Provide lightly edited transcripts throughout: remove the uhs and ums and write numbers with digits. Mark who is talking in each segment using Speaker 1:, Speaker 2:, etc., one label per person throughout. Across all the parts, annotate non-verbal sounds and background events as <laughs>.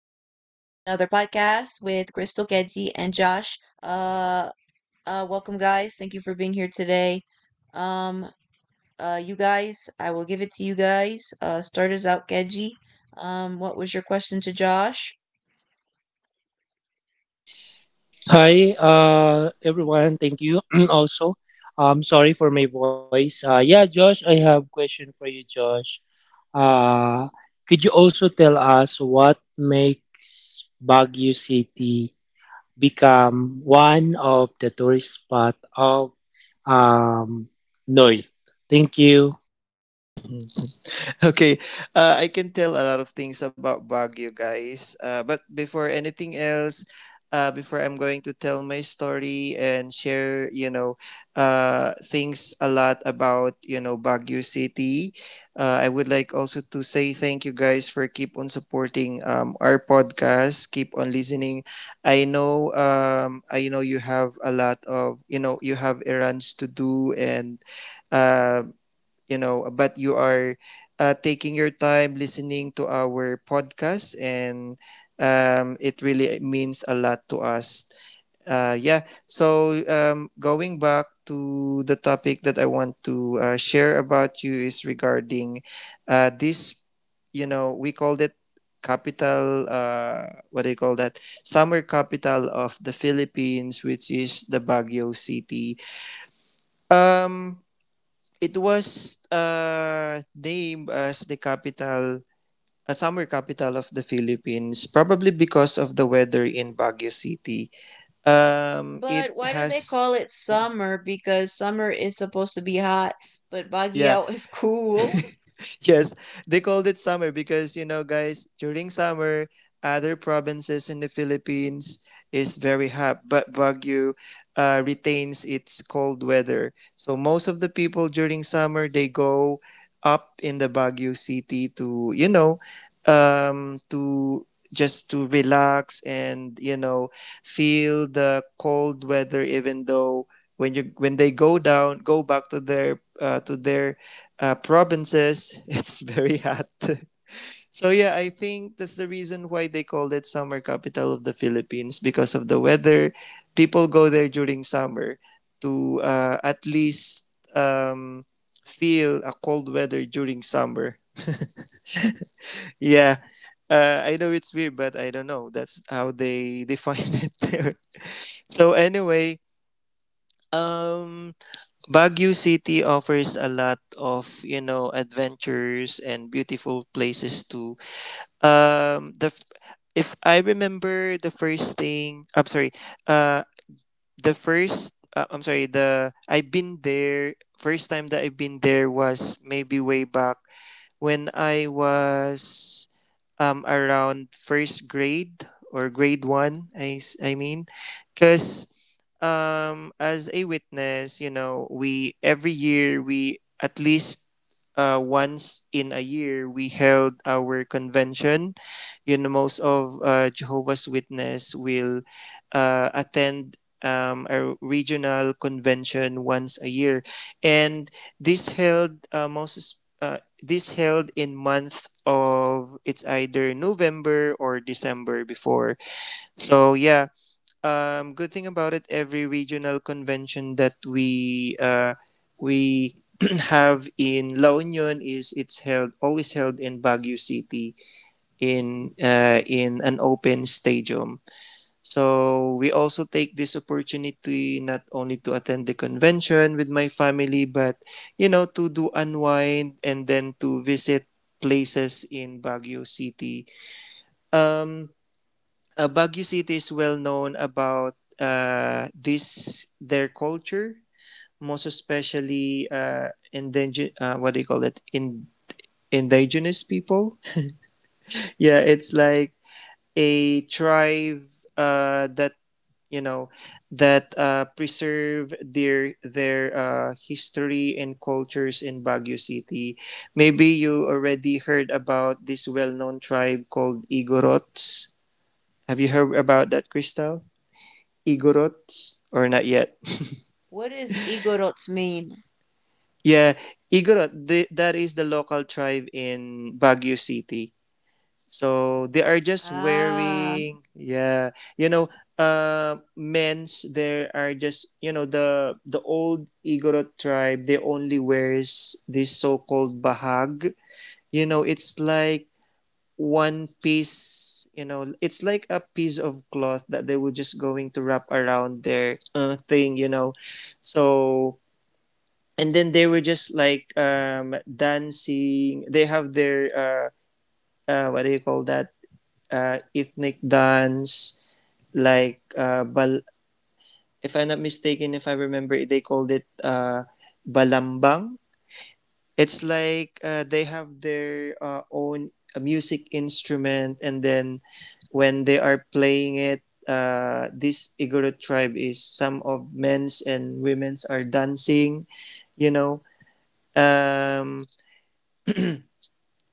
Speaker 1: podcast with Crystal, Kedji, and Josh. Uh, Welcome, guys. Thank you for being here today. Um, you guys, I will give it to you guys. Start us out, Kedji. What was your question to Josh?
Speaker 2: Hi, everyone. Thank you. <clears throat> Also, sorry for my voice. Yeah, Josh, I have question for you, Josh. Uh, could you also tell us what makes Baguio City become one of the tourist spot of um, North? Thank you.
Speaker 3: <laughs> okay, I can tell a lot of things about Baguio, guys. But before anything else, before I'm going to tell my story and share, things a lot about, you know, Baguio City. I would like also to say thank you guys for keep on supporting our podcast, keep on listening. I know you have a lot of, you know, you have errands to do and uh, but you are taking your time listening to our podcast, and it really means a lot to us. Yeah. So going back to the topic that I want to share about you is regarding this. You know, we called it capital. What do you call that? Summer capital of the Philippines, which is the Baguio City. Um, It was named as the capital, a summer capital of the Philippines, probably because of the weather in Baguio City. Um, it
Speaker 1: But why do they
Speaker 3: has,
Speaker 1: call it
Speaker 3: mm,
Speaker 1: summer? Because summer is supposed to be hot, but
Speaker 3: yeah,
Speaker 1: Baguio is <laughs> cool.
Speaker 3: <laughs> yes, they called it summer because you know, guys, during summer, other provinces in the Philippines is very hot, but Baguio retains its cold weather. So most of the people during summer they go up in the Baguio city to you know, to just to relax and you know feel the cold weather even though when they go down go back to their provinces, <laughs> it's very hot. <laughs> So yeah, I think that's the reason why they called it summer capital of the Philippines because of the weather. People go there during summer to at least um, feel a cold weather during summer. <laughs> Yeah, I know it's weird, but I don't know. That's how they <laughs> define it there. So anyway, um, Baguio City offers a lot of you know adventures and beautiful places to um the f- if I remember the first thing I'm sorry uh the first I'm sorry the I've been there first time that I've been there was maybe way back when I was around first grade or grade 1 I mean cuz as a witness you know we every year we at least once in a year we held our convention. You know most of Jehovah's witness will attend a regional convention once a year, and this held uh, most this held in month of it's either November or December before. So yeah, good thing about it, every regional convention that we <clears throat> have in La Union is it's held always held in Baguio City in an open stadium. So we also take this opportunity not only to attend the convention with my family, but you know to do unwind and then to visit places in Baguio City. Um, Baguio City is well known about this their culture, most especially indigenous. What do you call it? In indigenous people. <laughs> Yeah, it's like a tribe that you know that preserve their history and cultures in Baguio City. Maybe you already heard about this well known tribe called Igorots. Have you heard about that, Crystal? Igorots or not yet?
Speaker 1: What does igorots mean?
Speaker 3: Yeah, Igorot. The, that is the local tribe in Baguio City. So they are just
Speaker 1: Ah,
Speaker 3: wearing, yeah, you know, men's. There are just you know the old Igorot tribe. They only wears this so-called bahag. You know, it's like one piece you know it's like a piece of cloth that they were just going to wrap around their thing you know. So and then they were just like dancing. They have their what do you call that ethnic dance, like bal. If I'm not mistaken, if I remember, they called it balambang. It's like they have their own music instrument, and then when they are playing it, this Igorot tribe is some of men's and women's are dancing, you know. Um,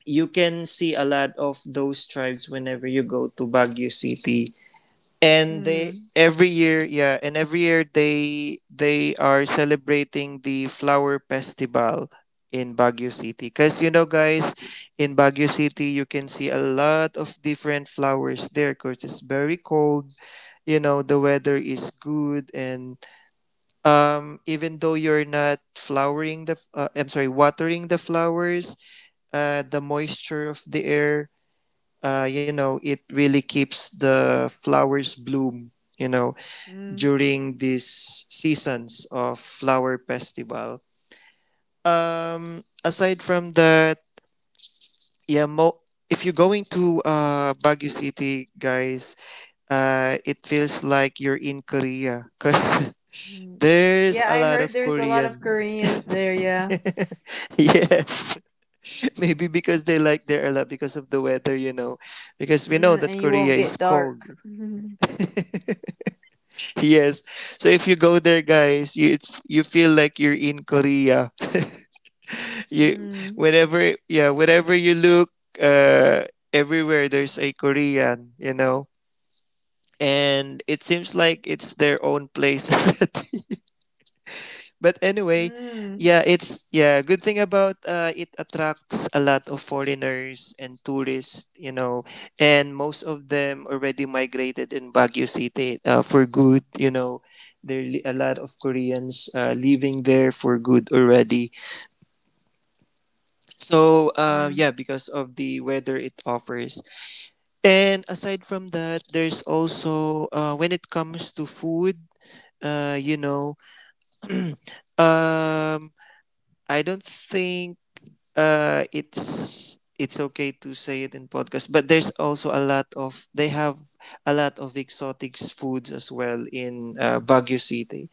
Speaker 3: you can see a lot of those tribes whenever you go to Baguio City. And they
Speaker 1: hmm.
Speaker 3: every year, yeah, and every year they are celebrating the flower festival in Baguio City. Cause you know guys, in Baguio City you can see a lot of different flowers there because it's very cold. You know, the weather is good and even though you're not flowering the I'm sorry, watering the flowers, the moisture of the air, you know, it really keeps the flowers bloom, you know,
Speaker 1: Mhm.
Speaker 3: during these seasons of flower festival. Aside from that, yeah, mo- if you're going to Baguio City, guys, it feels like you're in Korea because <laughs> there's
Speaker 1: Yeah,
Speaker 3: a
Speaker 1: I
Speaker 3: lot
Speaker 1: heard
Speaker 3: of
Speaker 1: there's a lot of
Speaker 3: Korean.
Speaker 1: Koreans there, yeah.
Speaker 3: <laughs> Yes, <laughs> maybe because they like there a lot because of the weather, you know, because we know
Speaker 1: Mm,
Speaker 3: that
Speaker 1: and you
Speaker 3: Korea
Speaker 1: won't
Speaker 3: is
Speaker 1: get dark.
Speaker 3: cold.
Speaker 1: <laughs>
Speaker 3: <laughs> Yes. So if you go there, guys, you feel like you're in Korea. <laughs> you
Speaker 1: Mm,
Speaker 3: whenever you look, uh, everywhere there's a Korean, you know, and it seems like it's their own place. <laughs> But
Speaker 1: mm,
Speaker 3: anyway,
Speaker 1: mm,
Speaker 3: good thing about it attracts a lot of foreigners and tourists, you know, and most of them already migrated in Baguio City for good, you know. There are a lot of Koreans living there for good already. So,
Speaker 1: mm,
Speaker 3: yeah, because of the weather it offers. And aside from that, there's also when it comes to food, you know, <clears throat> um I don't think it's okay to say it in podcast, but there's also a lot of they have a lot of exotic foods as well in Baguio City.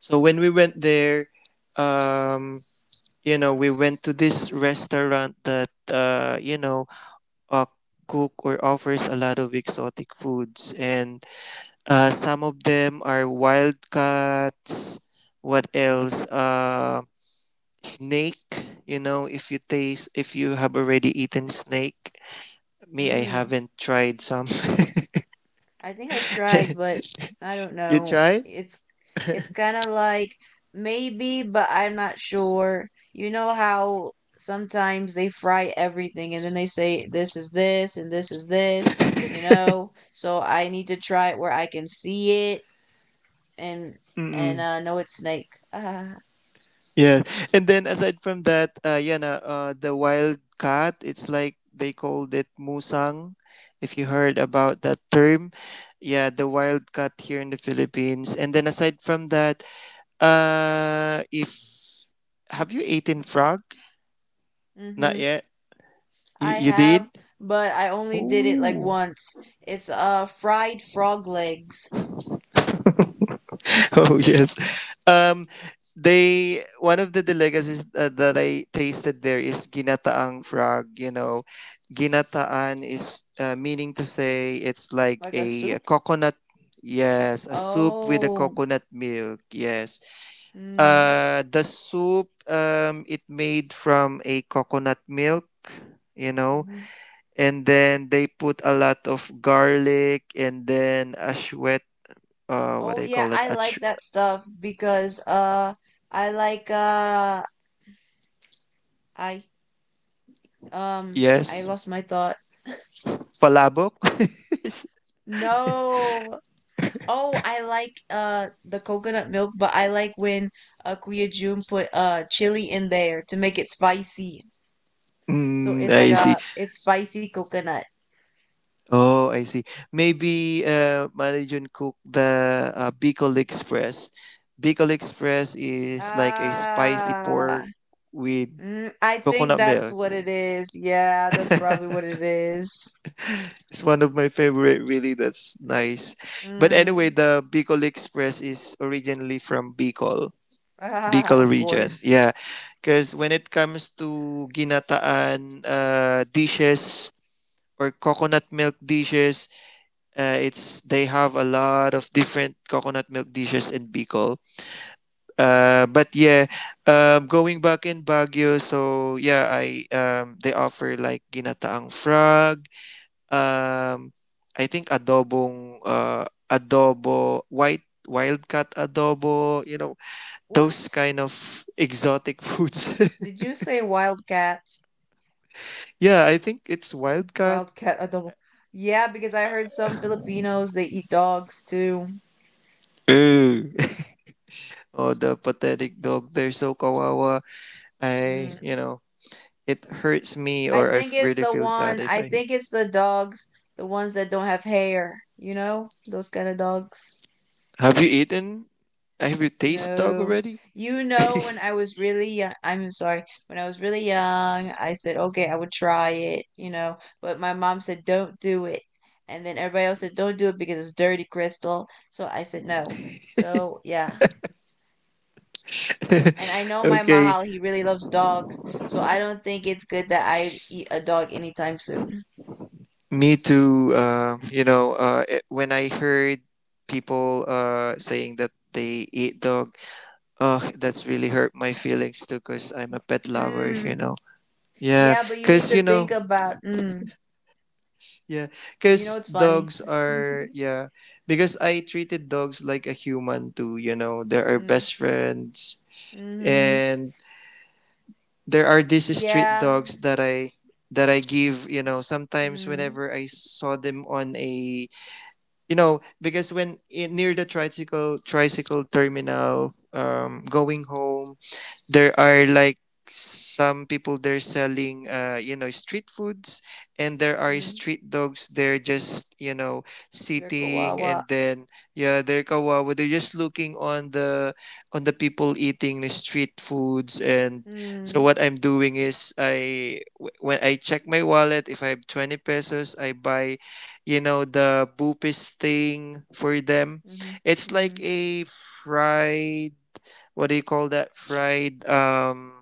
Speaker 3: So when we went there, um you know we went to this restaurant that you know uh, cook or offers a lot of exotic foods, and some of them are wild cats. What else, snake. You know if you taste if you have already eaten snake, me I
Speaker 1: mm.
Speaker 3: haven't tried some.
Speaker 1: I think I tried,
Speaker 3: <laughs>
Speaker 1: but I don't
Speaker 3: You
Speaker 1: know.
Speaker 3: tried.
Speaker 1: It's kind of like maybe, but I'm not sure. You know how sometimes they fry everything and then they say this is this and this is this, you know? So I need to try it where I can see it and and
Speaker 3: Mm-mm.
Speaker 1: no, it's snake. <laughs>
Speaker 3: Yeah, and then aside from that the wild cat, it's like they called it musang, if you heard about that term. Yeah, the wild cat here in the Philippines. And then aside from that, if have you eaten frog? Not
Speaker 1: Mhm.
Speaker 3: yet. you,
Speaker 1: I
Speaker 3: you did.
Speaker 1: have, but I only did it like
Speaker 3: Oh,
Speaker 1: once. It's fried frog legs,
Speaker 3: <laughs> oh yes. Um, they one of the delicacies that I tasted there is ginataang frog. You know, ginataan is meaning to say it's like
Speaker 1: like a
Speaker 3: a,
Speaker 1: soup.
Speaker 3: coconut. Yes, a soup with a
Speaker 1: Oh.
Speaker 3: coconut milk. Yes.
Speaker 1: Mm.
Speaker 3: The soup it made from a coconut milk. You know,
Speaker 1: Hmm.
Speaker 3: and then they put a lot of garlic and then ashwet. What
Speaker 1: Oh
Speaker 3: do you call
Speaker 1: yeah,
Speaker 3: that?
Speaker 1: I like
Speaker 3: Ach-
Speaker 1: that stuff because I like I um, I
Speaker 3: yes.
Speaker 1: lost my thought. <laughs>
Speaker 3: Palabok? <laughs>
Speaker 1: No. Oh, I like the coconut milk, but I like when Kuya Jun put chili in there to make it spicy. So
Speaker 3: Mm,
Speaker 1: it's like
Speaker 3: I see.
Speaker 1: it's spicy coconut.
Speaker 3: Oh, I see. Maybe Marijun cooked the Bicol Express. Bicol Express is like a spicy
Speaker 1: Ah,
Speaker 3: pork with
Speaker 1: mm, I think
Speaker 3: coconut
Speaker 1: that's
Speaker 3: milk.
Speaker 1: what it is. Yeah, that's probably what
Speaker 3: <laughs>
Speaker 1: it is.
Speaker 3: It's one of my favorite. Really, that's nice. But anyway,
Speaker 1: Mm,
Speaker 3: the Bicol Express is originally from Bicol,
Speaker 1: <laughs> ah,
Speaker 3: Bicol
Speaker 1: of
Speaker 3: region.
Speaker 1: course.
Speaker 3: Yeah, because when it comes to ginataan dishes or coconut milk dishes, it's they have a lot of different coconut milk dishes in Bicol. Uh, but yeah, Going back in Baguio, so yeah, I they offer like ginataang frog. Um, I think adobo white wildcat adobo. You know those
Speaker 1: What?
Speaker 3: kind of exotic foods.
Speaker 1: Did you say wildcat?
Speaker 3: <laughs> Yeah, I think it's wildcat.
Speaker 1: Wildcat adobo. Yeah, because I heard some Filipinos they eat dogs too.
Speaker 3: Ooh. <laughs> Oh, the pathetic dog. They're so kawawa. I, you
Speaker 1: Mm,
Speaker 3: know, it hurts me
Speaker 1: I
Speaker 3: or I
Speaker 1: think it's
Speaker 3: really
Speaker 1: the
Speaker 3: feel sad
Speaker 1: one.
Speaker 3: if
Speaker 1: I
Speaker 3: I
Speaker 1: think it's the dogs, the ones that don't have hair. You know, those kind of dogs.
Speaker 3: have you eaten have you tasted dog
Speaker 1: No.
Speaker 3: already?
Speaker 1: You know, when I was really young, I'm sorry, when I was really young, I said, okay, I would try it, but my mom said, don't do it. And then everybody else said, don't do it because it's dirty, Crystal. So I said, no. So yeah. And I know
Speaker 3: <laughs>
Speaker 1: my
Speaker 3: Okay,
Speaker 1: Mahal, he really loves dogs. So I don't think it's good that I eat a dog anytime soon.
Speaker 3: me too. When I heard people saying that they eat dog, that's really hurt my feelings too because I'm a pet lover, you
Speaker 1: Mm.
Speaker 3: know. Yeah,
Speaker 1: Yeah, but you need
Speaker 3: because, you
Speaker 1: to think
Speaker 3: know,
Speaker 1: about, mm.
Speaker 3: yeah,
Speaker 1: You know,
Speaker 3: because
Speaker 1: it's funny.
Speaker 3: dogs are,
Speaker 1: <laughs>
Speaker 3: yeah, because I treated dogs like a human too, you know, they're our
Speaker 1: Mm.
Speaker 3: best friends.
Speaker 1: Mm-hmm.
Speaker 3: And there are these street
Speaker 1: Yeah.
Speaker 3: dogs that I give, you know, sometimes
Speaker 1: Mm.
Speaker 3: whenever I saw them on a, you know, because when in, near the tricycle terminal, going home, there are like some people they're selling you know street foods, and there are
Speaker 1: Mm.
Speaker 3: street dogs they're just you know
Speaker 1: They're
Speaker 3: sitting and
Speaker 1: kawawa.
Speaker 3: then yeah they're kawawa, they're just looking on the people eating the street foods. And so
Speaker 1: Mm,
Speaker 3: what I'm doing is when I check my wallet if I have 20 pesos I buy you know the bupis thing for them.
Speaker 1: mhm,
Speaker 3: It's like
Speaker 1: mhm,
Speaker 3: a fried what do you call that fried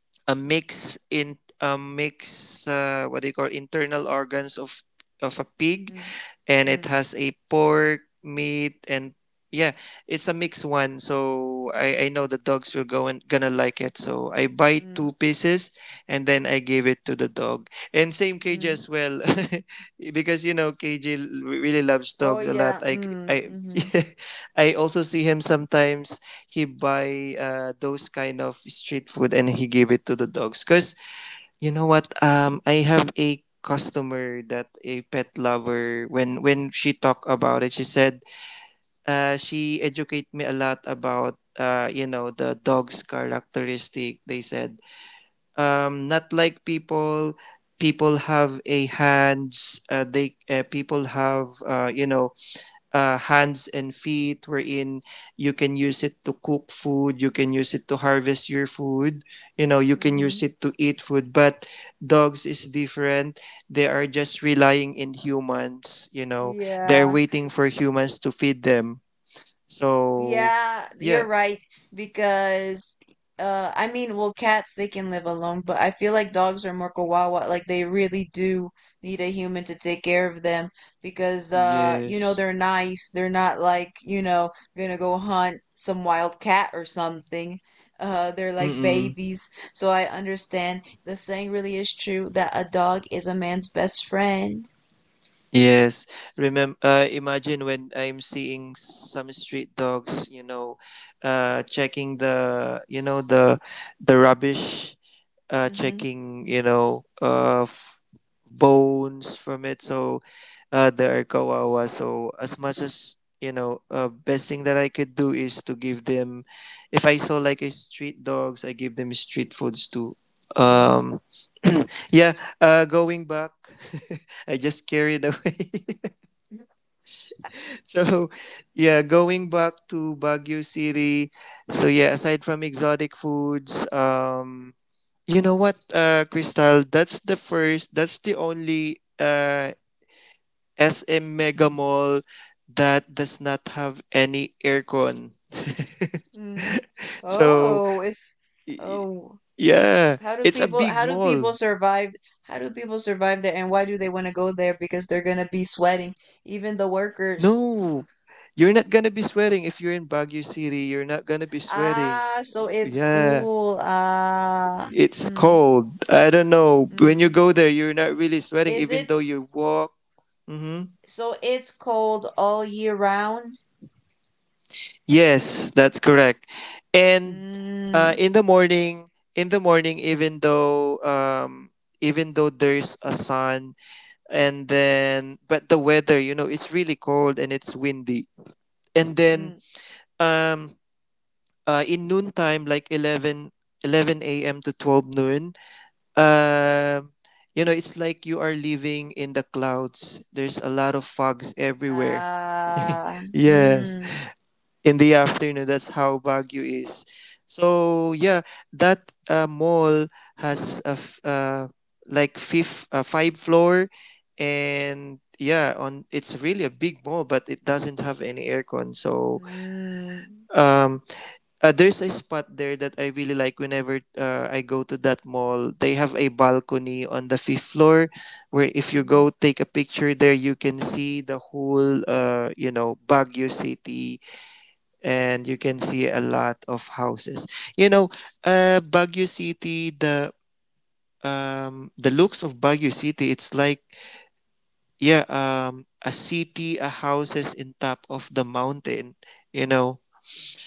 Speaker 3: <tsk> a mix what do you call internal organs of a pig,
Speaker 1: mm,
Speaker 3: and it
Speaker 1: mm,
Speaker 3: has a pork, meat, and yeah, it's a mixed one. So I know the dogs will go and gonna like it. So I buy
Speaker 1: mm,
Speaker 3: two pieces and then I give it to the dog. And same KJ
Speaker 1: mm.
Speaker 3: as well, <laughs> because you know KJ really loves
Speaker 1: Oh
Speaker 3: dogs a lot.
Speaker 1: yeah.
Speaker 3: I
Speaker 1: Mm,
Speaker 3: I
Speaker 1: mhm,
Speaker 3: <laughs> I also see him sometimes. He buy those kind of street food and he give it to the dogs because you know what? I have a customer that a pet lover. When she talked about it, she said, she educate me a lot about you know, the dog's characteristic. They said, not like people. People have a hands. They people have you know hands and feet wherein you can use it to cook food, you can use it to harvest your food, you know, you can use
Speaker 1: mhm.
Speaker 3: it to eat food. But dogs is different, they are just relying in humans, you know, they're
Speaker 1: Yeah.
Speaker 3: waiting for humans to feed them. So
Speaker 1: Yeah, you're
Speaker 3: yeah,
Speaker 1: right because I mean, well cats they can live alone, but I feel like dogs are more kawawa, like they really do need a human to take care of them because you know
Speaker 3: yes.
Speaker 1: they're nice. They're not like, you know, going to go hunt some wild cat or something. They're like
Speaker 3: Mm-mm.
Speaker 1: babies. So I understand the saying really is true that a dog is a man's best friend.
Speaker 3: Yes, remember, imagine when I'm seeing some street dogs, you know, checking the, you know, the rubbish,
Speaker 1: Mhm.
Speaker 3: checking, you know, bones from it. So there are kawawa. So as much as you know, best thing that I could do is to give them. If I saw like a street dogs, I give them street foods too.
Speaker 1: Mm.
Speaker 3: Um, yeah. Going back, <laughs> I just carried away. <laughs> So yeah, going back to Baguio City. So yeah, aside from exotic foods, you know what, Crystal? That's the only SM Mega Mall that does not have any aircon.
Speaker 1: Mm.
Speaker 3: <laughs> So,
Speaker 1: Oh, it's
Speaker 3: y-
Speaker 1: oh.
Speaker 3: yeah, it's a big
Speaker 1: How do
Speaker 3: mall.
Speaker 1: people survive how do people survive there and why do they want to go there because they're going to be sweating even the workers.
Speaker 3: No, you're not gonna be sweating if you're in Baguio City. You're not gonna be sweating.
Speaker 1: Ah, so it's
Speaker 3: Yeah,
Speaker 1: cool. Ah.
Speaker 3: it's
Speaker 1: Mm,
Speaker 3: cold. I don't know. When you
Speaker 1: mm.
Speaker 3: go there, you're not really sweating,
Speaker 1: Is
Speaker 3: even
Speaker 1: it
Speaker 3: though you walk. Mm-hmm.
Speaker 1: so it's cold all year round?
Speaker 3: Yes, that's correct. And uh,
Speaker 1: Mm,
Speaker 3: in the morning, in the morning, even though even though there's a sun, and then but the weather, you know, it's really cold and it's windy. And then
Speaker 1: mm.
Speaker 3: um, in noontime, like eleven a.m. to 12 noon, um, you know, it's like you are living in the clouds. There's a lot of fogs everywhere.
Speaker 1: Ah.
Speaker 3: <laughs> Yes.
Speaker 1: Mm.
Speaker 3: In the afternoon. That's how Baguio is. So yeah, that mall has a f- like fifth five floor, and yeah, on it's really a big mall, but it doesn't have any aircon. So
Speaker 1: Mm.
Speaker 3: um, there's a spot there that I really like. Whenever I go to that mall, they have a balcony on the fifth floor, where if you
Speaker 1: Mm.
Speaker 3: go take a picture there, you can see the whole you know Baguio city, and you can see a lot of houses. You know, Baguio City, the looks of Baguio City, it's like yeah, a city, a houses in top of the mountain. You know,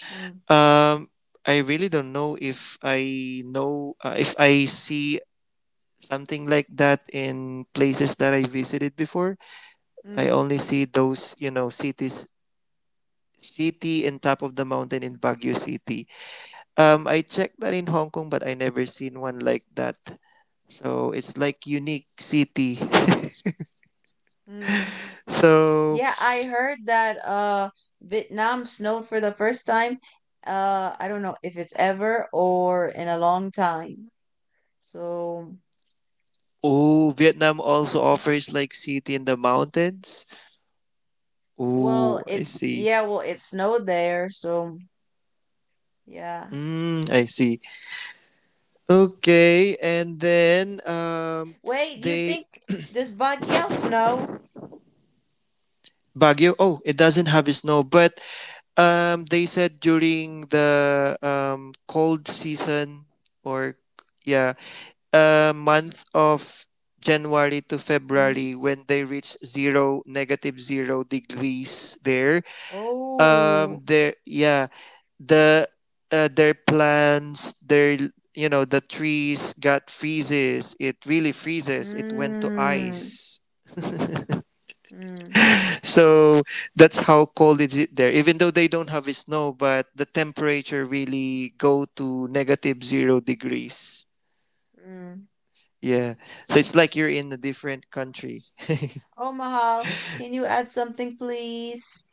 Speaker 1: Mm.
Speaker 3: um, I really don't know if I see something like that in places that I visited before. I
Speaker 1: Mm.
Speaker 3: only see those, you know, city in top of the mountain in Baguio City. I checked that in Hong Kong, but I never seen one like that. So it's like unique city. <laughs>
Speaker 1: Mm.
Speaker 3: So
Speaker 1: Yeah, I heard that Vietnam snowed for the first time. I don't know if it's ever or in a long time. So,
Speaker 3: oh, Vietnam also offers like city in the mountains.
Speaker 1: well,
Speaker 3: Oh, I
Speaker 1: it's
Speaker 3: see.
Speaker 1: yeah, well, it snowed there, so yeah.
Speaker 3: Mm, I see. Okay, and then
Speaker 1: Wait, do you
Speaker 3: they
Speaker 1: think does Baguio snow?
Speaker 3: Baguio. Oh, it doesn't have snow, but they said during the cold season or yeah month of January to
Speaker 1: Mm-hmm.
Speaker 3: February when they reach zero, negative 0 degrees there. um
Speaker 1: Oh.
Speaker 3: there yeah the their plants, their, you know, the trees got freezes, it really freezes, it went to
Speaker 1: Mm.
Speaker 3: ice.
Speaker 1: Mm.
Speaker 3: So that's how cold is it is there, even though they don't have snow, but the temperature really go to negative 0 degrees.
Speaker 1: Mm.
Speaker 3: Yeah, so it's like you're in a different country.
Speaker 1: Oh, Mahal, can you add something, please?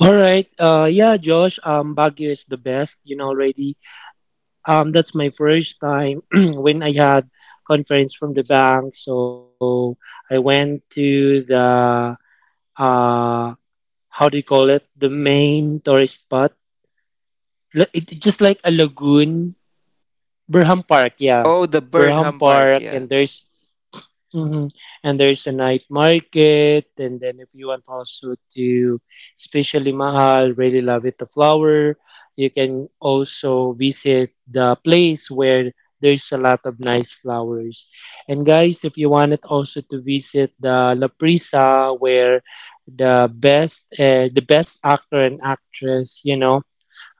Speaker 2: All right. Yeah, Josh. Baguio is the best. You know already. That's my first time <clears throat> when I had conference from the bank. So I went to the uh, how do you call it? The main tourist spot, it just like a lagoon, Berham Park. Yeah,
Speaker 3: Oh, the
Speaker 2: Berham
Speaker 3: Burnham Park.
Speaker 2: Park,
Speaker 3: Yeah.
Speaker 2: hmm And there's a night market, and then if you want also to, especially Mahal, really love it, the flower, you can also visit the place where there's a lot of nice flowers. And guys, if you wanted also to visit the La Prisa, where the best actor and actress, you know,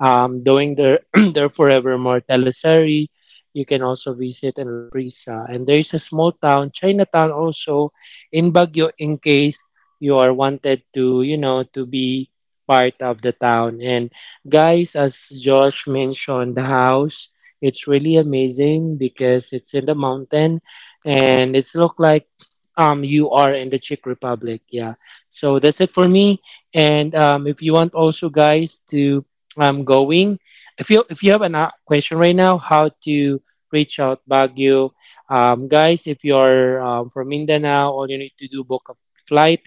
Speaker 2: um, doing their <clears throat> their Forevermore teleserie. You can also visit in La Prisa. And there is a small town, Chinatown also, in Baguio in case you are wanted to, to be part of the town. And guys, as Josh mentioned, the house, it's really amazing because it's in the mountain and it's look like you are in the Czech Republic. Yeah. So that's it for me. And if you want also guys to going. If you have a question right now, how to reach out Baguio, guys? If you are from Mindanao, all you need to do book a flight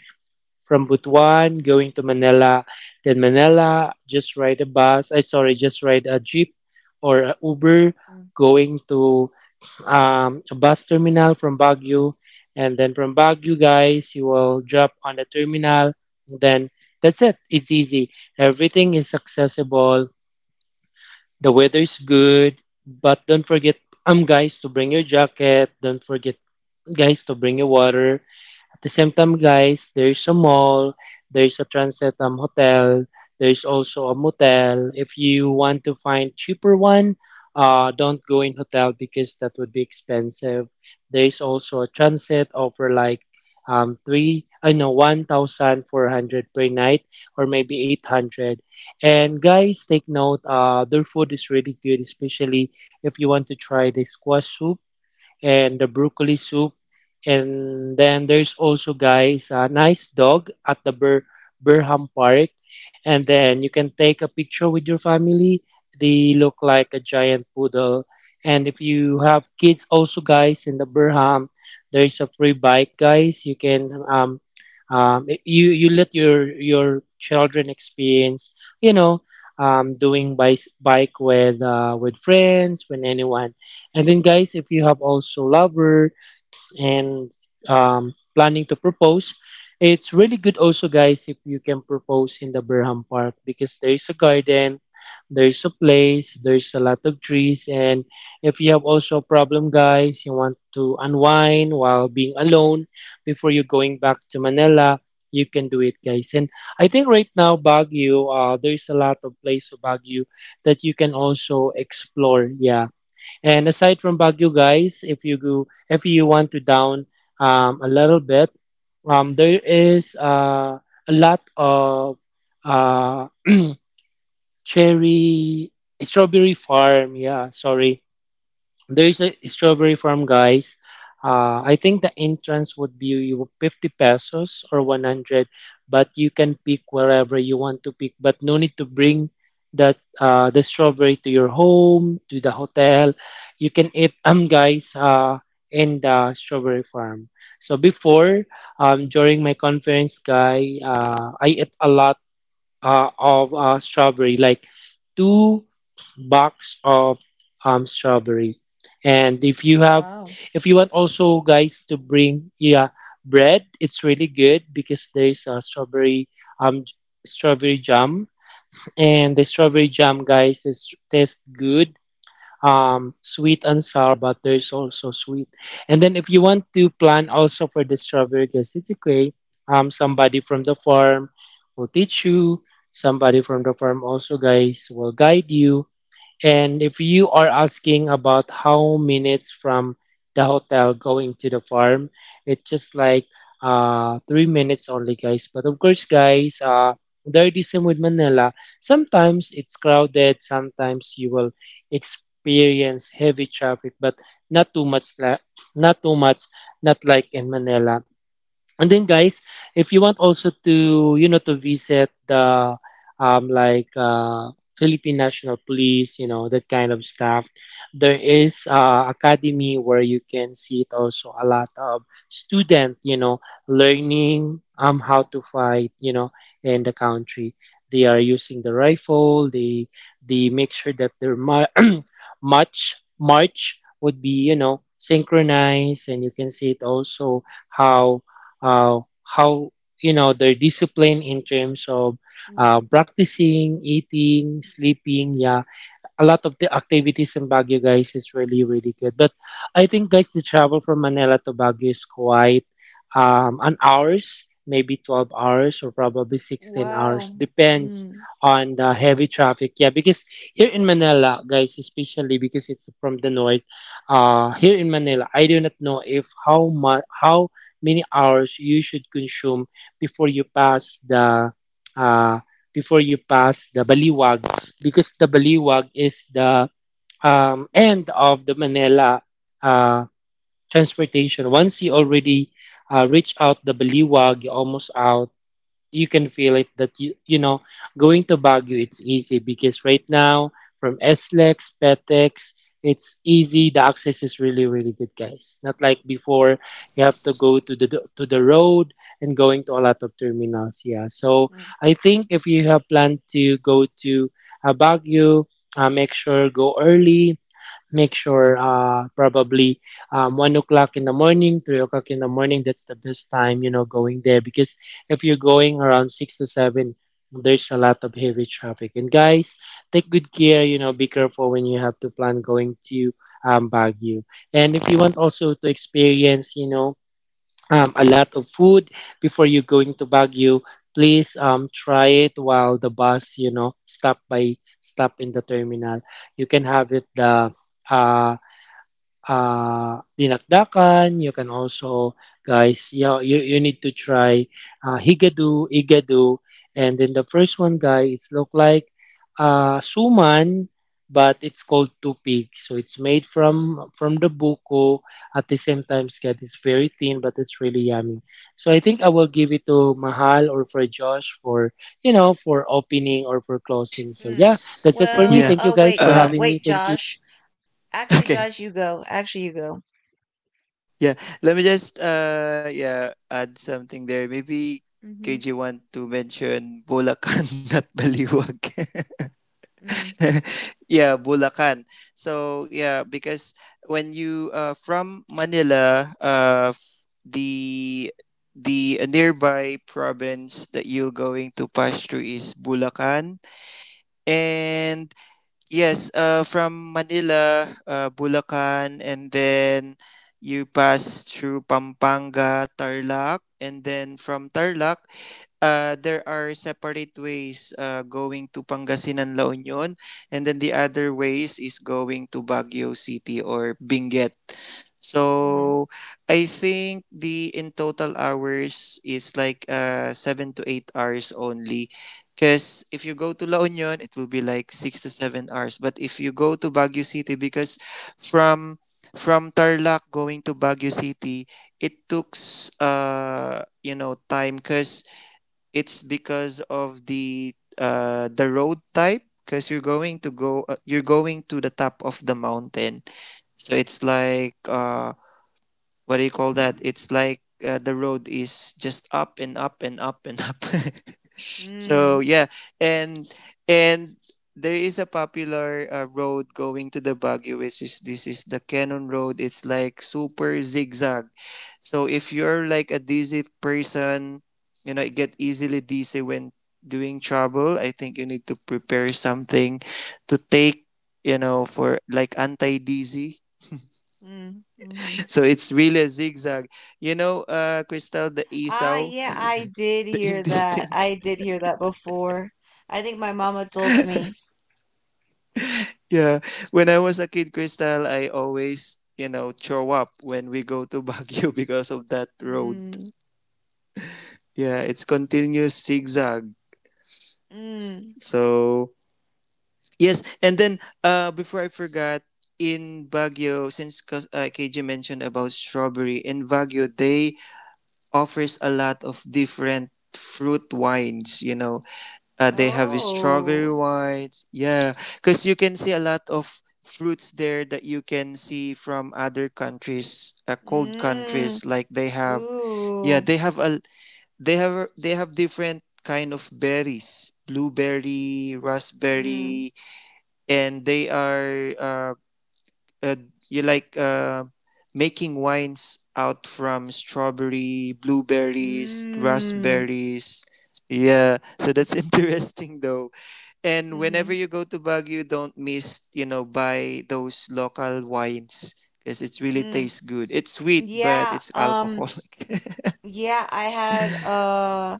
Speaker 2: from Butuan going to Manila. Then Manila, just ride a bus. Just ride a jeep or a Uber
Speaker 1: Mm.
Speaker 2: going to a bus terminal from Baguio, and then from Baguio, guys, you will drop on the terminal. Then that's it. It's easy. Everything is accessible the weather is good, but don't forget, guys, to bring your jacket. Don't forget, guys, to bring your water. At the same time, guys, there's a mall, there's a transit hotel, there's also a motel. If you want to find cheaper one, don't go in hotel because that would be expensive. There's also a transit offer like three, I know, 1,400 per night or maybe 800. And guys, take note. Their food is really good, especially if you want to try the squash soup and the broccoli soup. And then there's also, guys, a nice dog at the Burham Park. And then you can take a picture with your family. They look like a giant poodle. And if you have kids, also, guys, in the Burham, there is a free bike, guys. You can you let your children experience, you know, doing bike with friends, with anyone, and then guys, if you have also lover, and planning to propose. It's really good also, guys, if you can propose in the Berham Park because there is a garden, there's a place, there's a lot of trees, and if you have also a problem, guys, you want to unwind while being alone before you going back to Manila, you can do it, guys. And I think right now, Baguio, there's a lot of place of Baguio that you can also explore. Yeah. And aside from Baguio, guys, if you want to down a little bit, there is a lot of uh, <clears throat> cherry strawberry farm. Yeah, sorry, there is a strawberry farm, guys. I think the entrance would be 50 pesos or 100, but you can pick wherever you want to pick. But no need to bring that the strawberry to your home, to the hotel. You can eat guys, in the strawberry farm. So before during my conference, guy, I ate a lot of strawberry, like two box of strawberry. And
Speaker 1: Wow.
Speaker 2: if you want also guys to bring yeah bread, it's really good because there's a um strawberry jam, and the strawberry jam guys is taste good, sweet and sour, but there's also sweet. And then if you want to plan also for the strawberry gasitique, somebody from the farm will teach you. Somebody from the farm also, guys, will guide you. And if you are asking about how minutes from the hotel going to the farm, it's just like 3 minutes only, guys. But of course, guys, there it is same with Manila. Sometimes it's crowded. Sometimes you will experience heavy traffic, but not too much. Not too much. Not like in Manila. And then, guys, if you want also to, to visit the, like, Philippine National Police, that kind of stuff, there is academy where you can see it also a lot of student, learning how to fight, in the country. They are using the rifle. They make sure that their <clears throat> march would be, synchronized, and you can see it also how how their discipline in terms of
Speaker 1: Mm.
Speaker 2: practicing, eating, sleeping. Yeah, a lot of the activities in Baguio, guys, is really, really good. But I think, guys, the travel from Manila to Baguio is quite an hours, maybe 12 hours or probably 16 hours.
Speaker 1: Wow.
Speaker 2: Depends
Speaker 1: Mm.
Speaker 2: on the heavy traffic. Yeah, because here in Manila, guys, especially because it's from the north, here in Manila, I do not know if how much, how many hours you should consume before you pass uh, the Baliwag because the Baliwag is the end of the Manila uh, transportation. Once you already reach out the Baliwag, you're almost out. You can feel it that you know going to Baguio it's easy because right now from SLEX, PETEX, it's easy. The access is really really good, guys. Not like before, you have to go to the road and going to a lot of terminals. Yeah, so I think if you have planned to go to Baguio, make sure go early, make sure probably 1 o'clock in the morning, 3 o'clock in the morning, that's the best time going there, because if you're going around 6 to 7, there's a lot of heavy traffic, and guys, take good care, be careful when you have to plan going to Baguio, and if you want also to experience, a lot of food before you going to Baguio, please try it while the bus, stop in the terminal. You can have it the uh, dinakdakan. You can also, guys, you need to try higado, igado. And then the first one, guys, it's look like suman, but it's called tupig. So it's made from the buko. At the same time, guys, it's very thin, but it's really yummy. So I think I will give it to Mahal or for Josh for, for opening or for closing. So
Speaker 1: Mm-hmm.
Speaker 2: yeah, that's it for me.
Speaker 1: Well,
Speaker 2: Thank
Speaker 3: Yeah.
Speaker 2: you, guys, for having
Speaker 3: Um.
Speaker 2: me.
Speaker 1: wait,
Speaker 2: Thank you.
Speaker 1: Josh.
Speaker 3: <laughs>
Speaker 1: Actually,
Speaker 3: Okay.
Speaker 1: Josh, you go. Actually, you go.
Speaker 3: Yeah. Let me just add something there. Maybe
Speaker 1: Mm-hmm.
Speaker 3: KJ want to mention Bulacan, <laughs> not Baliwag.
Speaker 1: Mm-hmm.
Speaker 3: <laughs> Yeah, Bulacan. So yeah, because when you from Manila, the nearby province that you're going to pass through is Bulacan, and yes, from Manila, Bulacan, and then you pass through Pampanga, Tarlac, and then from Tarlac, there are separate ways going to Pangasinan, La Union, and then the other ways is going to Baguio City or Benguet. So I think the in total hours is like 7 to 8 hours only, because if you go to La Union, it will be like 6 to 7 hours. But if you go to Baguio City, because from from Tarlac going to Baguio City, it took you know time, because it's because of the road type. Because you're going to go, you're going to the top of the mountain, so it's like what do you call that? It's like the road is just up and up and up and up. <laughs> So
Speaker 1: Mm-hmm.
Speaker 3: yeah, and and there is a popular road going to the Baguio, which is this is the Canon Road. It's like super zigzag. So if you're like a dizzy person, you know, get easily dizzy when doing travel. I think you need to prepare something to take, you know, for like anti dizzy,
Speaker 1: Mm-hmm.
Speaker 3: so it's really a zigzag. You know, Crystal, the
Speaker 1: Ah,
Speaker 3: Esau,
Speaker 1: yeah, I did
Speaker 3: the
Speaker 1: hear that.
Speaker 3: intestine.
Speaker 1: I
Speaker 3: <laughs>
Speaker 1: did hear that before. I think my mama told me.
Speaker 3: Yeah. When I was a kid, Crystal, I always, you know, throw up when we go to Baguio <laughs> because of that road.
Speaker 1: Mm-hmm.
Speaker 3: Yeah, it's continuous zigzag. So, yes. And then before I forgot, in Baguio, since cause KJ mentioned about strawberry, in Baguio, they offers a lot of different fruit wines, you know, they have strawberry
Speaker 1: Oh.
Speaker 3: wines. Yeah, because you can see a lot of fruits there that you can see from other countries, cold
Speaker 1: Mm.
Speaker 3: countries. Like they have,
Speaker 1: Ooh.
Speaker 3: yeah, they have a they have different kind of berries, blueberry,
Speaker 1: Mm.
Speaker 3: raspberry, and they are uh you like making wines out from strawberry, blueberries,
Speaker 1: Mm.
Speaker 3: raspberries. Yeah, so that's <laughs> interesting though. And whenever
Speaker 1: Mm-hmm.
Speaker 3: you go to Baguio, don't miss, you know, buy those local wines because it really
Speaker 1: Mm.
Speaker 3: tastes good. It's sweet, but
Speaker 1: Yeah.
Speaker 3: it's <laughs> alcoholic.
Speaker 1: Yeah. I had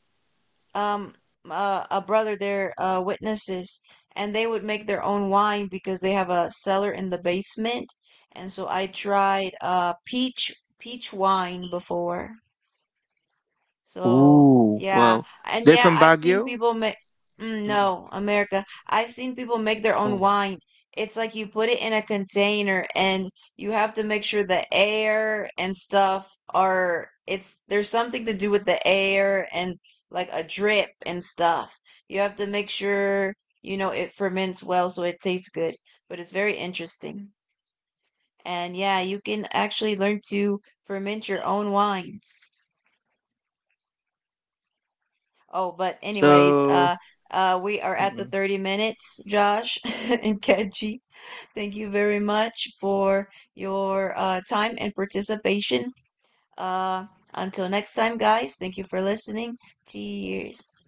Speaker 1: um a brother. They witnesses, and they would make their own wine because they have a cellar in the basement. And so I tried peach wine before. So,
Speaker 3: Ooh,
Speaker 1: yeah.
Speaker 3: wow.
Speaker 1: And
Speaker 3: They're
Speaker 1: yeah,
Speaker 3: from
Speaker 1: I've seen
Speaker 3: Baguio?
Speaker 1: people make, mm,
Speaker 3: Mm-mm.
Speaker 1: no, America, I've seen people make their own
Speaker 3: Oh.
Speaker 1: wine. It's like you put it in a container and you have to make sure the air and stuff are, it's, there's something to do with the air and like a drip and stuff. You have to make sure, you know, it ferments well so it tastes good. But it's very interesting. And yeah, you can actually learn to ferment your own wines. Oh, but anyways,
Speaker 3: So,
Speaker 1: we are at the 30 minutes, Josh <laughs> and Kenji. Thank you very much for your time and participation. Uh, until next time, guys, thank you for listening. Cheers.